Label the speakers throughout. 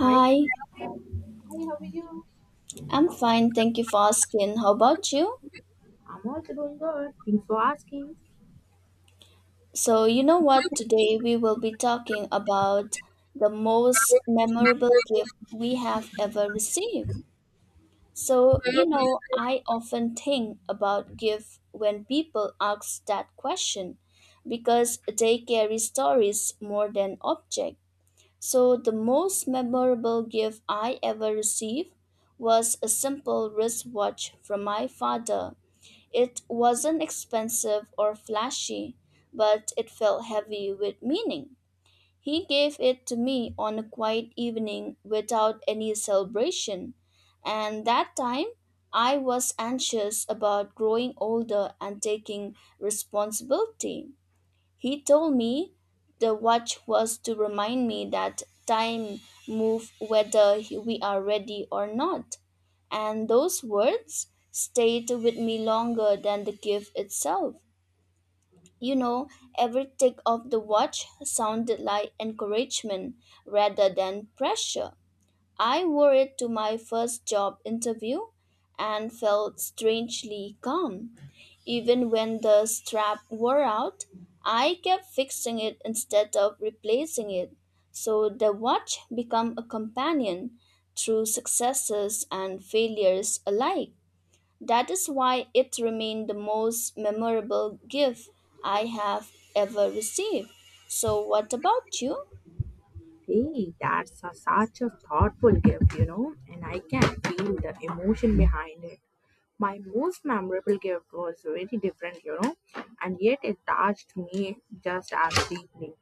Speaker 1: Hi, hi, how are you?
Speaker 2: I'm fine. Thank you for asking. How about you?
Speaker 1: I'm also doing good. Thanks for asking.
Speaker 2: So, you know what? Today we will be talking about the most memorable gift we have ever received. So, you know, I often think about gift when people ask that question because they carry stories more than object. So, the most memorable gift I ever received was a simple wristwatch from my father. It wasn't expensive or flashy, but it felt heavy with meaning. He gave it to me on a quiet evening without any celebration, and that time I was anxious about growing older and taking responsibility. He told me the watch was to remind me that time moves whether we are ready or not, and those words stayed with me longer than the gift itself. You know, every tick of the watch sounded like encouragement rather than pressure. I wore it to my first job interview and felt strangely calm. Even when the strap wore out, I kept fixing it instead of replacing it. So the watch became a companion through successes and failures alike. That is why it remained the most memorable gift I have ever received. So, what about you?
Speaker 1: Hey, that's such a thoughtful gift, and I can feel the emotion behind it. My most memorable gift was very different, and yet it touched me just as deeply.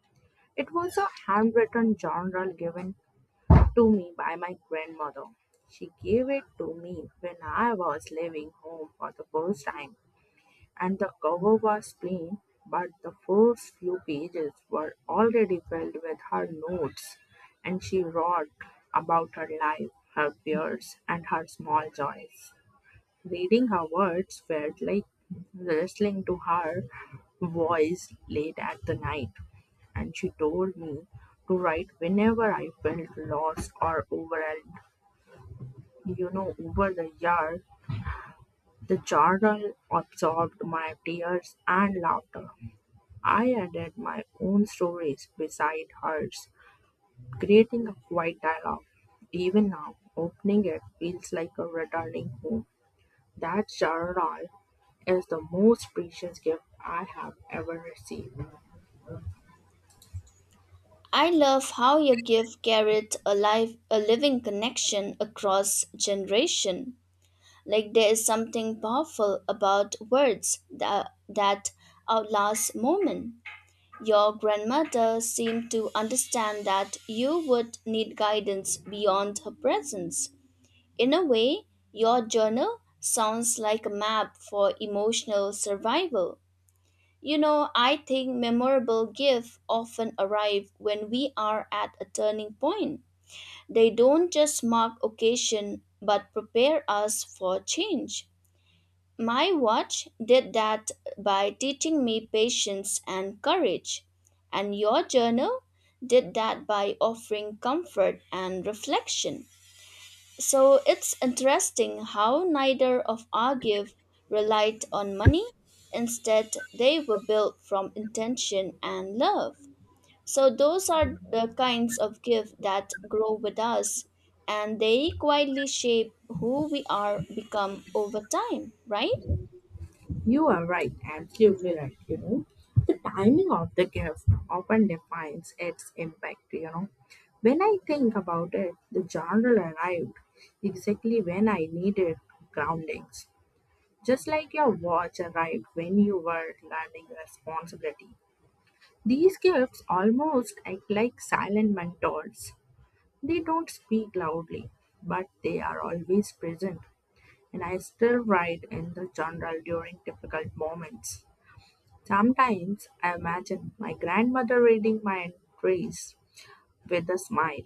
Speaker 1: It was a handwritten journal given to me by my grandmother. She gave it to me when I was leaving home for the first time. And the cover was plain, but the first few pages were already filled with her notes, and she wrote about her life, her fears, and her small joys. Reading her words felt like listening to her voice late at the night, and she told me to write whenever I felt lost or overwhelmed. You know, over the year, the journal absorbed my tears and laughter, I added my own stories beside hers, creating a quiet dialogue. Even now, opening it feels like a returning home. That journal is the most precious gift I have ever received.
Speaker 2: I love how you give Garrett a life, a living connection across generation. Like there is something powerful about words that outlast moment. Your grandmother seemed to understand that you would need guidance beyond her presence. In a way, your journal sounds like a map for emotional survival. You know, I think memorable gifts often arrive when we are at a turning point. They don't just mark occasion but prepare us for change. My watch did that by teaching me patience and courage, and your journal did that by offering comfort and reflection. So it's interesting how neither of our Argive relied on money. Instead, they were built from intention and love. So those are the kinds of gifts that grow with us and they quietly shape who we are become over time, right?
Speaker 1: You are right, absolutely right. You know, the timing of the gift often defines its impact. You know, when I think about it, the journal arrived exactly when I needed groundings. Just like your watch arrived when you were learning responsibility. These gifts almost act like silent mentors. They don't speak loudly, but they are always present, and I still write in the journal during difficult moments. Sometimes I imagine my grandmother reading my entries with a smile.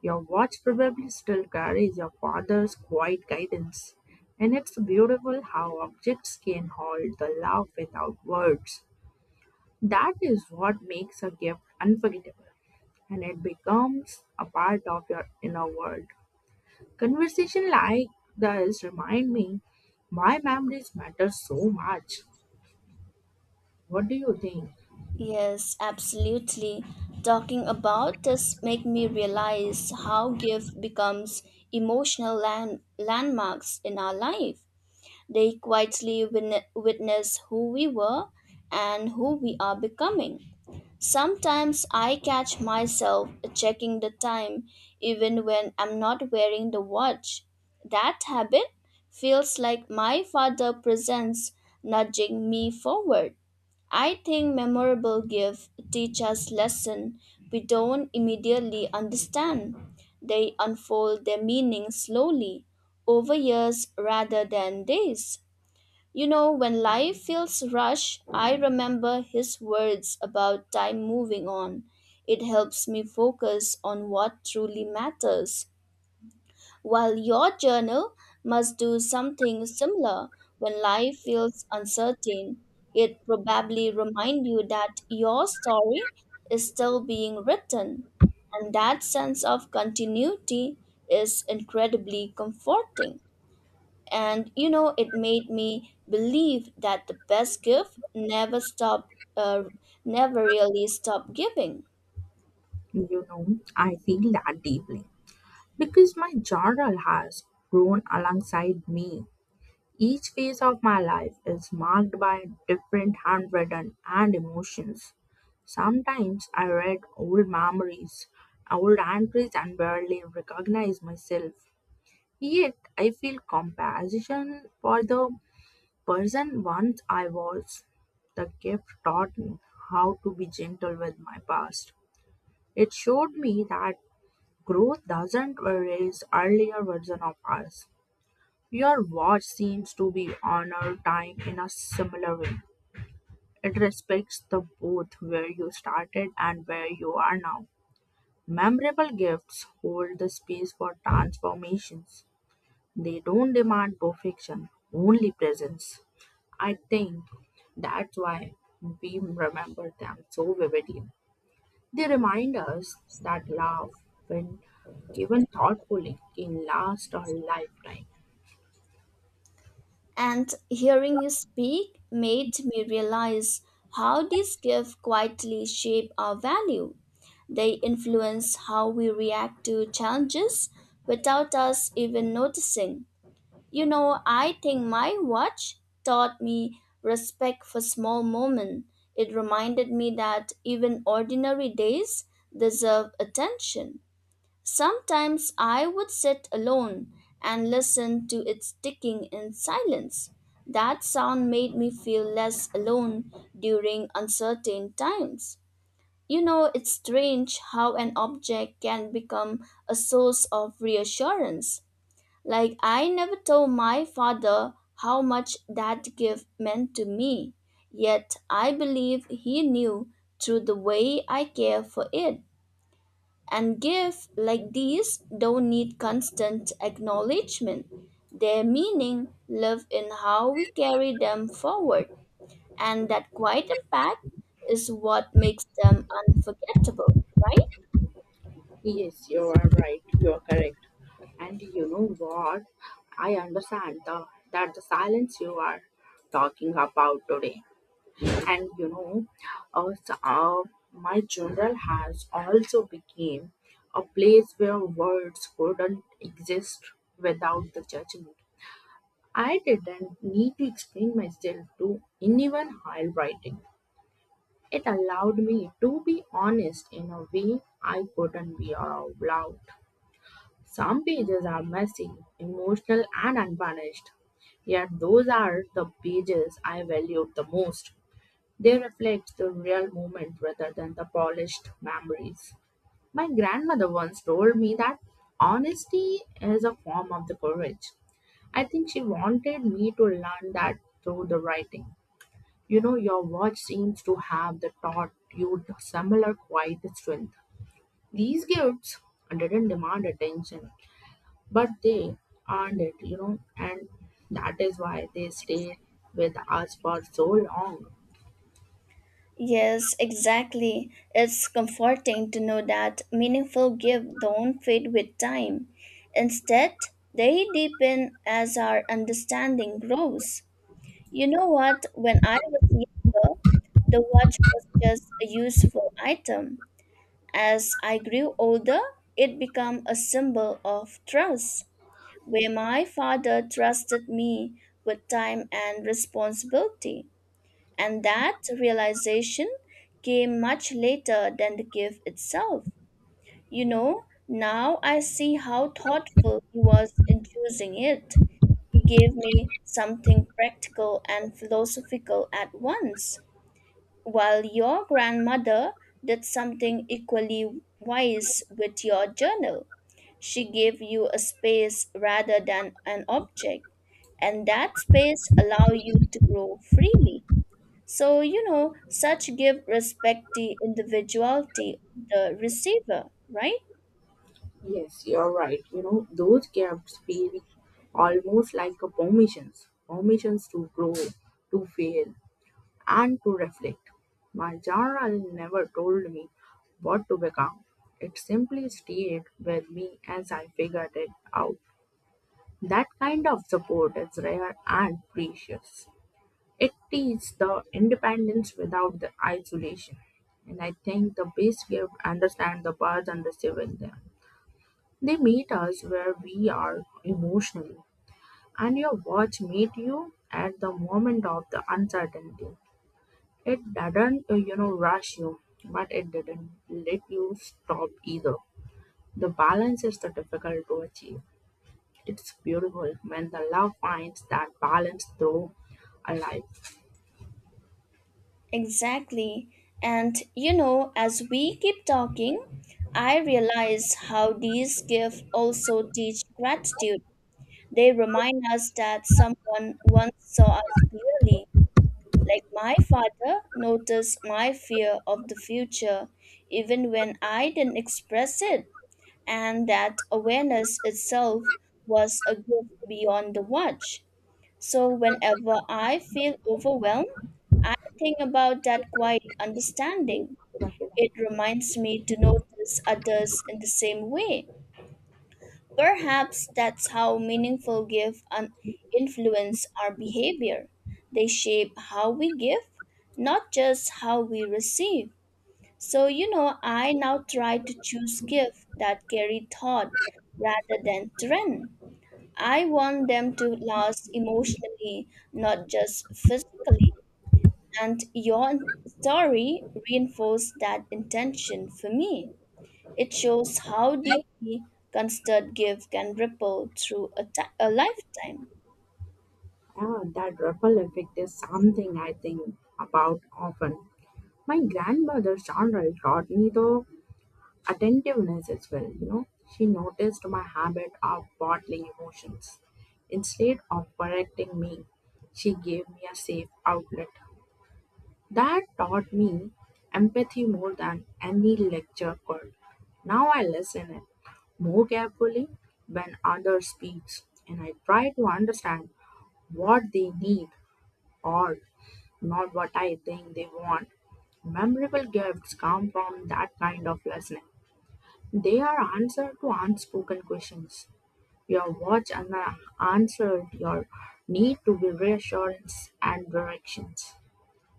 Speaker 1: Your watch probably still carries your father's quiet guidance, and it's beautiful how objects can hold the love without words. That is what makes a gift unforgettable, and it becomes a part of your inner world. Conversation like this remind me why memories matter so much. What do you think?
Speaker 2: Yes, absolutely. Talking about this make me realize how gift becomes emotional landmarks in our life. They quietly witness who we were and who we are becoming. Sometimes I catch myself checking the time even when I'm not wearing the watch. That habit feels like my father presents nudging me forward. I think memorable gifts teach us lessons we don't immediately understand. They unfold their meaning slowly, over years rather than days. You know, when life feels rushed, I remember his words about time moving on. It helps me focus on what truly matters. While your journal must do something similar when life feels uncertain, it probably reminds you that your story is still being written. And that sense of continuity is incredibly comforting, and you know it made me believe that the best gift never really stop giving.
Speaker 1: You know, I feel that deeply because my journal has grown alongside me. Each phase of my life is marked by different handwritten and emotions. Sometimes I read old memories, old entries, and barely recognize myself. Yet I feel compassion for the person once I was. The gift taught me how to be gentle with my past. It showed me that growth doesn't erase earlier version of us. Your watch seems to be honor time in a similar way. It respects the both where you started and where you are now. Memorable gifts hold the space for transformations. They don't demand perfection, only presence. I think that's why we remember them so vividly. They remind us that love, when given thoughtfully, can last a lifetime.
Speaker 2: And hearing you speak made me realize how these gifts quietly shape our value. They influence how we react to challenges without us even noticing. You know, I think my watch taught me respect for small moments. It reminded me that even ordinary days deserve attention. Sometimes I would sit alone and listen to its ticking in silence. That sound made me feel less alone during uncertain times. You know, it's strange how an object can become a source of reassurance. Like, I never told my father how much that gift meant to me, yet I believe he knew through the way I care for it. And gifts like these don't need constant acknowledgement. Their meaning live in how we carry them forward, and that quiet impact is what makes them unforgettable, right?
Speaker 1: Yes, you are right. You are correct. And you know what? I understand that the silence you are talking about today. And you know, uh, s- uh, my journal has also become a place where words couldn't exist without the judgment. I didn't need to explain myself to anyone while writing. It allowed me to be honest in a way I couldn't be out loud. Some pages are messy, emotional, and unvarnished. Yet those are the pages I valued the most. They reflect the real moment rather than the polished memories. My grandmother once told me that honesty is a form of the courage. I think she wanted me to learn that through the writing. You know, your watch seems to have the taught you the similar quiet strength. These gifts didn't demand attention but they earned it, and that is why they stayed with us for so long.
Speaker 2: Yes, exactly. It's comforting to know that meaningful gifts don't fade with time. Instead, they deepen as our understanding grows. You know what? When I was younger, the watch was just a useful item. As I grew older, it became a symbol of trust, where my father trusted me with time and responsibility. And that realization came much later than the gift itself. You know, now I see how thoughtful he was in choosing it. He gave me something practical and philosophical at once, while your grandmother did something equally wise with your journal. She gave you a space rather than an object, and that space allowed you to grow freely. So, you know, such give respect the individuality of the receiver, right?
Speaker 1: Yes, you're right. You know, those gaps feel almost like a permissions, permissions to grow, to fail, and to reflect. My journal never told me what to become. It simply stayed with me as I figured it out. That kind of support is rare and precious. It is the independence without the isolation. And I think the best gift understand the birds and the civil them. They meet us where we are emotionally. And your watch meet you at the moment of the uncertainty. It doesn't, rush you, but it didn't let you stop either. The balance is the difficult to achieve. It's beautiful when the love finds that balance through a life.
Speaker 2: Exactly. And, you know, as we keep talking, I realize how these gifts also teach gratitude. They remind us that someone once saw us clearly. Like my father noticed my fear of the future, even when I didn't express it. And that awareness itself was a gift beyond the watch. So, whenever I feel overwhelmed, I think about that quiet understanding. It reminds me to notice others in the same way. Perhaps that's how meaningful gifts influence our behavior. They shape how we give, not just how we receive. So, you know, I now try to choose gifts that carry thought rather than trend. I want them to last emotionally, not just physically. And your story reinforced that intention for me. It shows how deeply considered gift can ripple through a a lifetime.
Speaker 1: Yeah, that ripple effect is something I think about often. My grandmother's genre taught me the attentiveness as well. She noticed my habit of bottling emotions. Instead of correcting me, she gave me a safe outlet. That taught me empathy more than any lecture could. Now I listen it more carefully when others speaks and I try to understand what they need or not what I think they want. Memorable gifts come from that kind of listening. They are answer to unspoken questions. Your watch and answered your need to be reassurance and directions.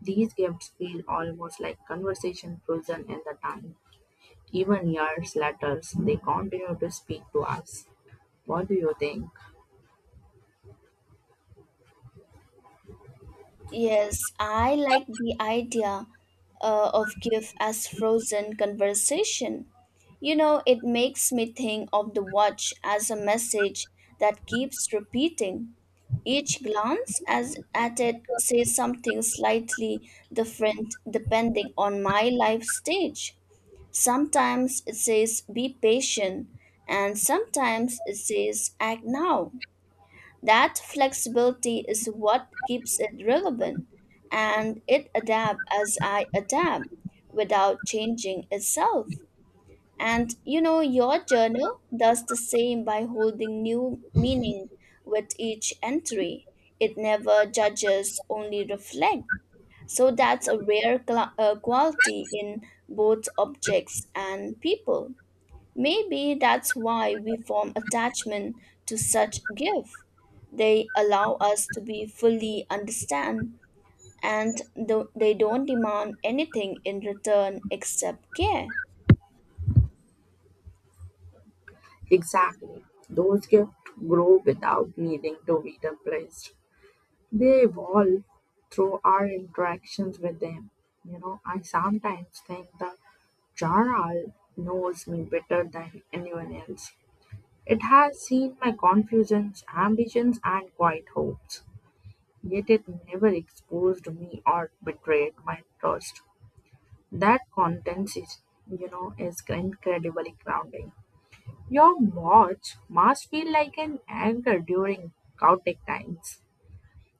Speaker 1: These gifts feel almost like conversation frozen in the time. Even years later, they continue to speak to us. What do you think?
Speaker 2: Yes, I like the idea of gift as frozen conversation. You know, it makes me think of the watch as a message that keeps repeating. Each glance as at it says something slightly different depending on my life stage. Sometimes it says be patient and sometimes it says act now. That flexibility is what keeps it relevant, and it adapts as I adapt without changing itself. And you know, your journal does the same by holding new meaning with each entry. It never judges, only reflects. So that's a rare quality in both objects and people. Maybe that's why we form attachment to such gifts. They allow us to be fully understand, and they don't demand anything in return except care.
Speaker 1: Exactly. Those gifts grow without needing to be replaced. They evolve through our interactions with them. You know, I sometimes think the Jaral knows me better than anyone else. It has seen my confusions, ambitions, and quiet hopes, yet it never exposed me or betrayed my trust. That contents is incredibly grounding. Your watch must feel like an anchor during chaotic times.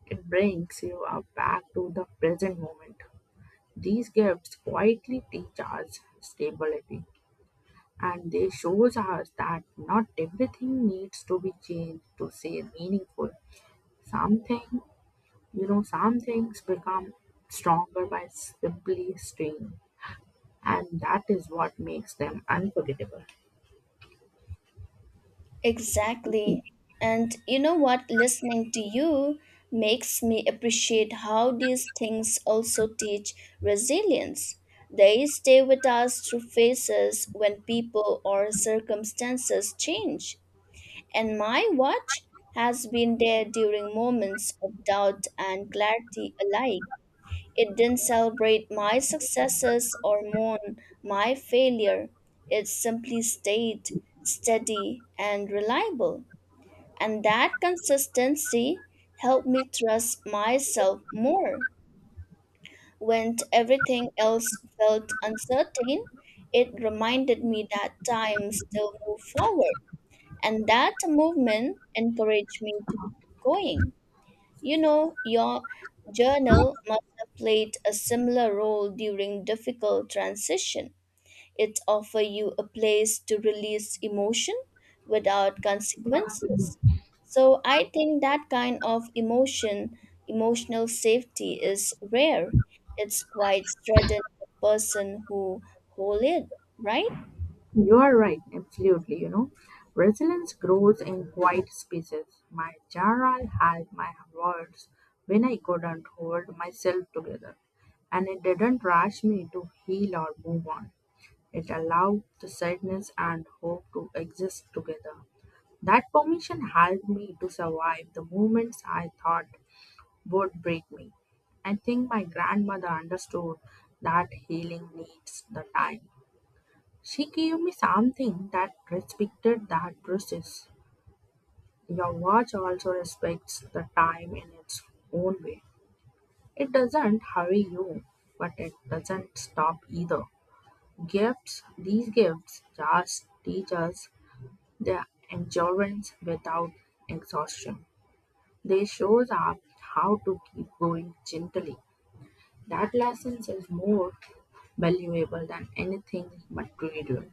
Speaker 1: It brings you up back to the present moment. These gifts quietly teach us stability and they shows us that not everything needs to be changed to stay meaningful. Something some things become stronger by simply staying, and that is what makes them unforgettable.
Speaker 2: Exactly. And you know what? Listening to you makes me appreciate how these things also teach resilience. They stay with us through phases when people or circumstances change. And my watch has been there during moments of doubt and clarity alike. It didn't celebrate my successes or mourn my failure. It simply stayed steady and reliable. And that consistency helped me trust myself more. When everything else felt uncertain, it reminded me that time still moved forward and that movement encouraged me to keep going. You know, your journal must have played a similar role during difficult transition. It offer you a place to release emotion without consequences. So I think that kind of emotional safety is rare. It's quite strengthened the person who hold it, right?
Speaker 1: You are right, absolutely. You know, resilience grows in quiet spaces. My journal had my words when I couldn't hold myself together, and it didn't rush me to heal or move on. It allowed the sadness and hope to exist together. That permission helped me to survive the moments I thought would break me. I think my grandmother understood that healing needs the time she gave me something that respected that process. Your watch also respects the time in its own way. It doesn't hurry you, but it doesn't stop either. Gifts, these gifts just teach us the endurance without exhaustion. They shows up how to keep going gently. That lesson is more valuable than anything material.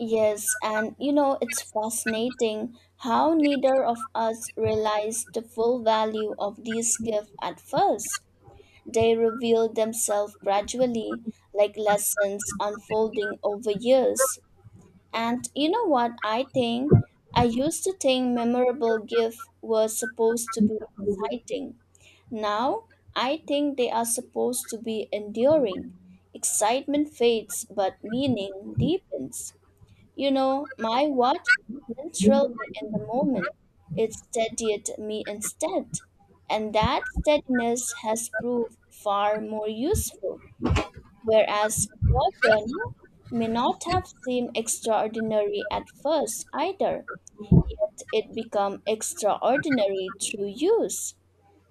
Speaker 2: Yes, and you know, it's fascinating how neither of us realized the full value of these gifts at first. They revealed themselves gradually, like lessons unfolding over years. And you know what I think? I used to think memorable gifts were supposed to be exciting. Now, I think they are supposed to be enduring. Excitement fades, but meaning deepens. You know, my watch didn't thrill me in the moment. It steadied me instead. And that steadiness has proved far more useful. Whereas your journey may not have seemed extraordinary at first either, but it become extraordinary through use.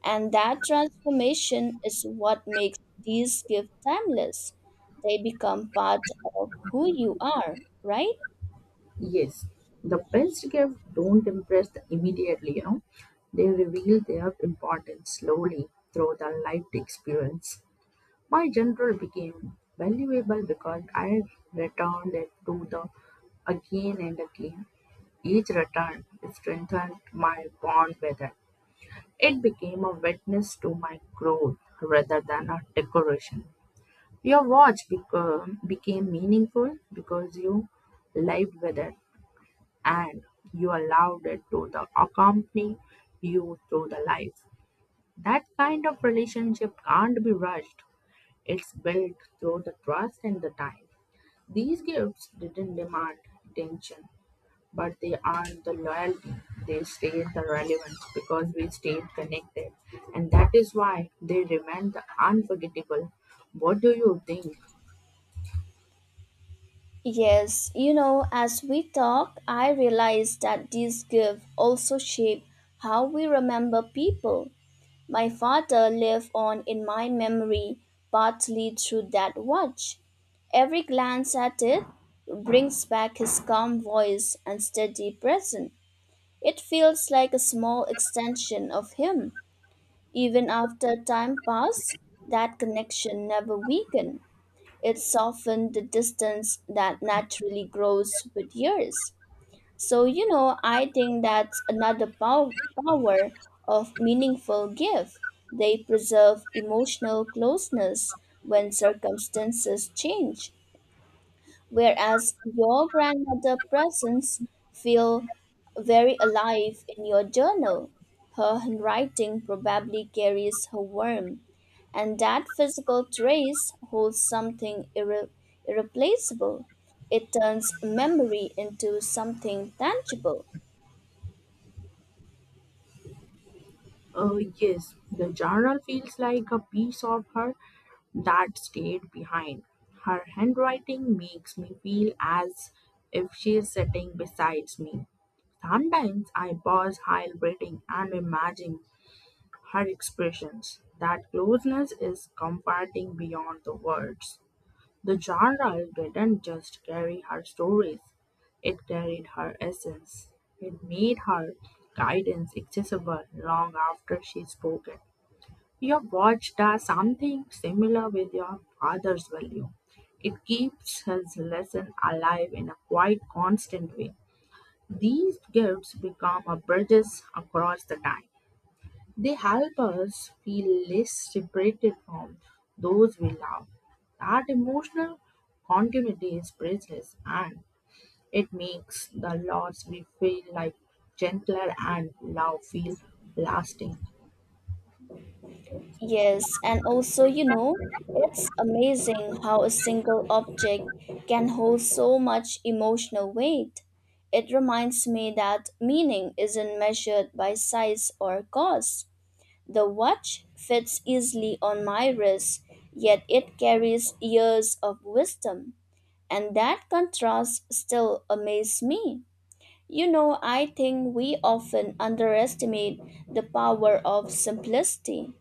Speaker 2: And that transformation is what makes these gifts timeless. They become part of who you are, right?
Speaker 1: Yes, the best gift don't impress the immediately, you know. They reveal their importance slowly through the lived experience. My general became valuable because I returned it to the again and again. Each return strengthened my bond with it. It became a witness to my growth rather than a decoration. Your watch became meaningful because you lived with it and you allowed it to the accompany you through the life. That kind of relationship can't be rushed. It's built through the trust and the time. These gifts didn't demand attention, but they earned the loyalty. They stayed the relevance because we stayed connected. And that is why they remain the unforgettable. What do you think?
Speaker 2: Yes, you know, as we talk, I realize that these gifts also shape how we remember people. My father lived on in my memory partly through that watch. Every glance at it brings back his calm voice and steady presence. It feels like a small extension of him. Even after time passed, that connection never weakened. It's softened the distance that naturally grows with years. So, you know, I think that's another power of meaningful gift. They preserve emotional closeness when circumstances change, whereas your grandmother presence feel very alive in your journal. Her handwriting probably carries her warmth, and that physical trace holds something irreplaceable. It turns memory into something tangible.
Speaker 1: Yes, the journal feels like a piece of her that stayed behind. Her handwriting makes me feel as if she is sitting beside me. Sometimes I pause while reading and imagine her expressions. That closeness is comforting beyond the words. The journal didn't just carry her stories, it carried her essence. It made her guidance accessible long after she spoke it. Your watch does something similar with your father's value. It keeps his lesson alive in a quite constant way. These gifts become a bridges across the time. They help us feel less separated from those we love. That emotional continuity is priceless and it makes the loss we feel like gentler and love feel lasting.
Speaker 2: Yes, and also, you know, it's amazing how a single object can hold so much emotional weight. It reminds me that meaning isn't measured by size or cost. The watch fits easily on my wrist, yet it carries years of wisdom. And that contrast still amazes me. You know, I think we often underestimate the power of simplicity.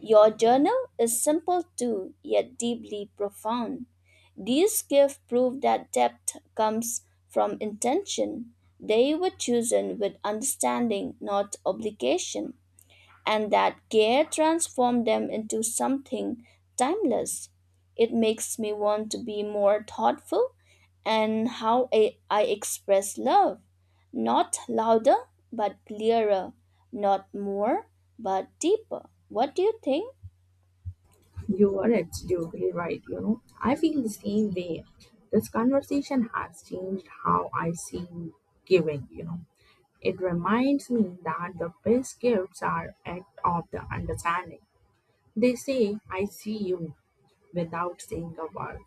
Speaker 2: Your journal is simple too, yet deeply profound. These gifts prove that depth comes from intention. They were chosen with understanding, not obligation, and that care transformed them into something timeless. It makes me want to be more thoughtful and how I express love. Not louder, but clearer. Not more, but deeper. What do you think?
Speaker 1: You are absolutely right. You know, I feel the same way. This conversation has changed how I see giving. You know, it reminds me that the best gifts are act of the understanding. They say, I see you without saying a word.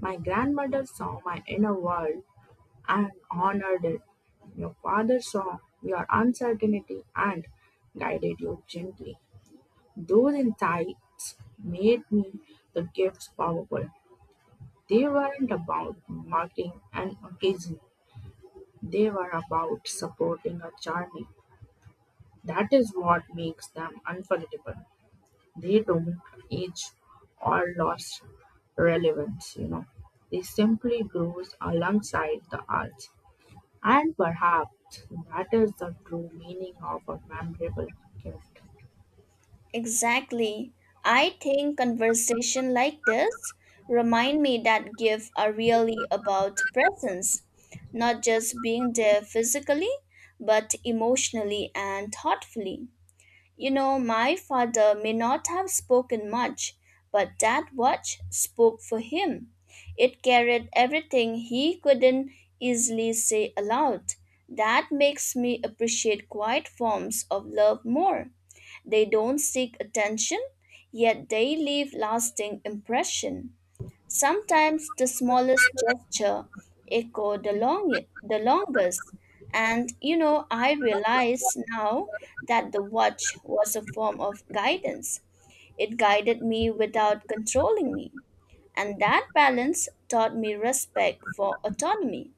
Speaker 1: My grandmother saw my inner world and honored it. Your father saw your uncertainty and guided you gently. Those insights made me the gifts powerful. They weren't about marking an occasion, they were about supporting a journey. That is what makes them unforgettable. They don't age or lost relevance, you know. They simply grows alongside the arts. And perhaps that is the true meaning of a memorable gift.
Speaker 2: Exactly. I think conversation like this remind me that gifts are really about presence, not just being there physically, but emotionally and thoughtfully. You know, my father may not have spoken much, but that watch spoke for him. It carried everything he couldn't easily say aloud. That makes me appreciate quiet forms of love more. They don't seek attention, yet they leave lasting impression. Sometimes the smallest gesture echo the longest. And you know, I realize now that the watch was a form of guidance. It guided me without controlling me. And that balance taught me respect for autonomy.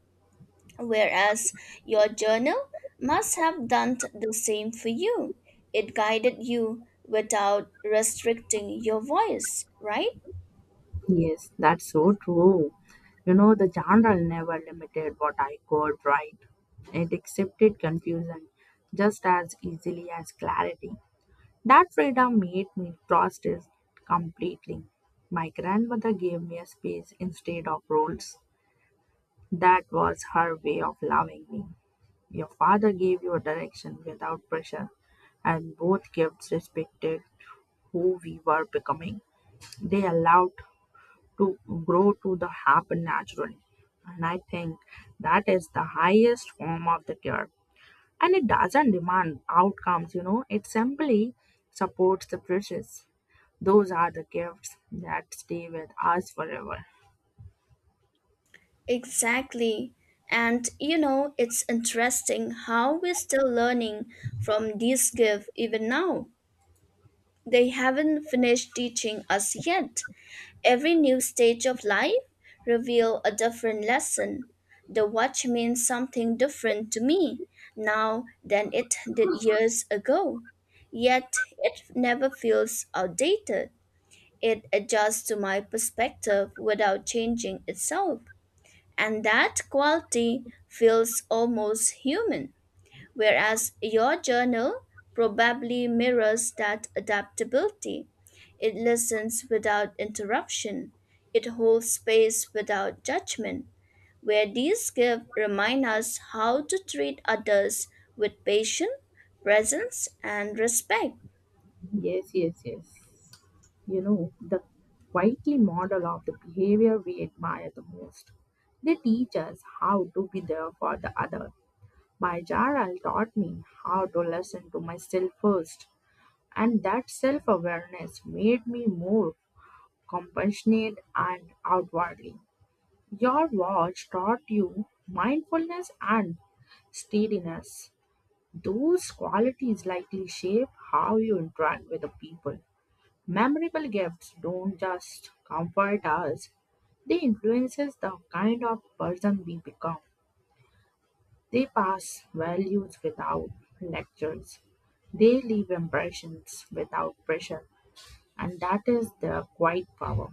Speaker 2: Whereas your journal must have done the same for you. It guided you without restricting your voice, right?
Speaker 1: Yes, that's so true. You know, the genre never limited what I could write. It accepted confusion just as easily as clarity. That freedom made me trust it completely. My grandmother gave me a space instead of rules. That was her way of loving me. Your father gave you a direction without pressure, and both gifts respected who we were becoming. They allowed to grow to the happen naturally, and I think that is the highest form of the cure, and it doesn't demand outcomes, you know, it simply supports the process. Those are the gifts that stay with us forever.
Speaker 2: Exactly. And you know, it's interesting how we're still learning from these gifts even now. They haven't finished teaching us yet. Every new stage of life reveal a different lesson. The watch means something different to me now than it did years ago. Yet it never feels outdated. It adjusts to my perspective without changing itself. And that quality feels almost human, whereas your journal probably mirrors that adaptability. It listens without interruption, it holds space without judgment. Where these gifts remind us how to treat others with patience, presence, and respect.
Speaker 1: Yes, yes, yes. You know, the quietly model of the behavior we admire the most, they teach us how to be there for the other. My Jaral taught me how to listen to myself first. And that self awareness made me more compassionate and outwardly. Your watch taught you mindfulness and steadiness. Those qualities likely shape how you interact with the people. Memorable gifts don't just comfort us, they influences the kind of person we become. They pass values without lectures. They leave impressions without pressure. And that is their quiet power.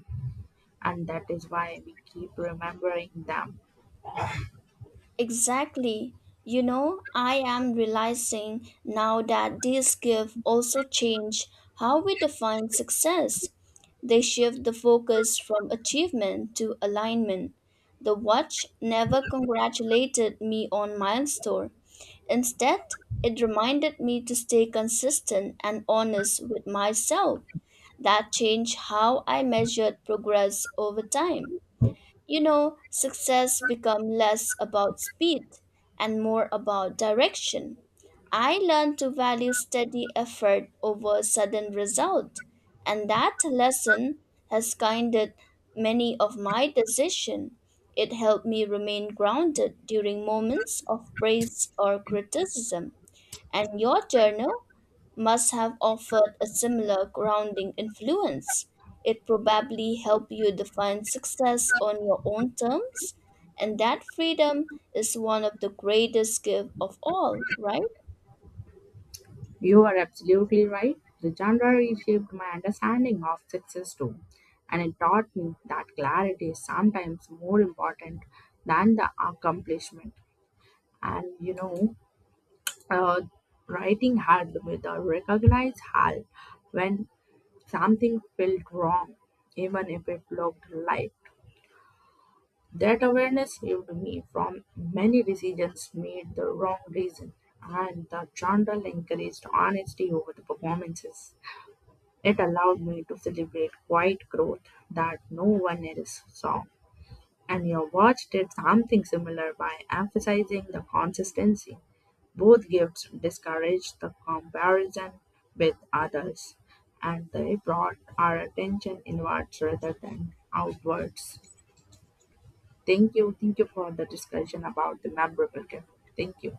Speaker 1: And that is why we keep remembering them.
Speaker 2: Exactly. You know, I am realizing now that these gifts also change how we define success. They shift the focus from achievement to alignment. The watch never congratulated me on milestone. Instead, it reminded me to stay consistent and honest with myself. That changed how I measured progress over time. You know, success become less about speed and more about direction. I learned to value steady effort over sudden result, and that lesson has guided many of my decisions. It helped me remain grounded during moments of praise or criticism, and your journal must have offered a similar grounding influence. It probably helped you define success on your own terms, and that freedom is one of the greatest gifts of all, right?
Speaker 1: You are absolutely right. The genre reshaped my understanding of success too. And it taught me that clarity is sometimes more important than the accomplishment. And you know, uh, writing hard with a recognized halt when something felt wrong, even if it looked right. That awareness saved me from many decisions made the wrong reason, and the journal encouraged honesty over the performances. It allowed me to celebrate quiet growth that no one else saw. And your watch did something similar by emphasizing the consistency. Both gifts discouraged the comparison with others, and they brought our attention inwards rather than outwards. Thank you. Thank you for the discussion about the memorable gift. Thank you.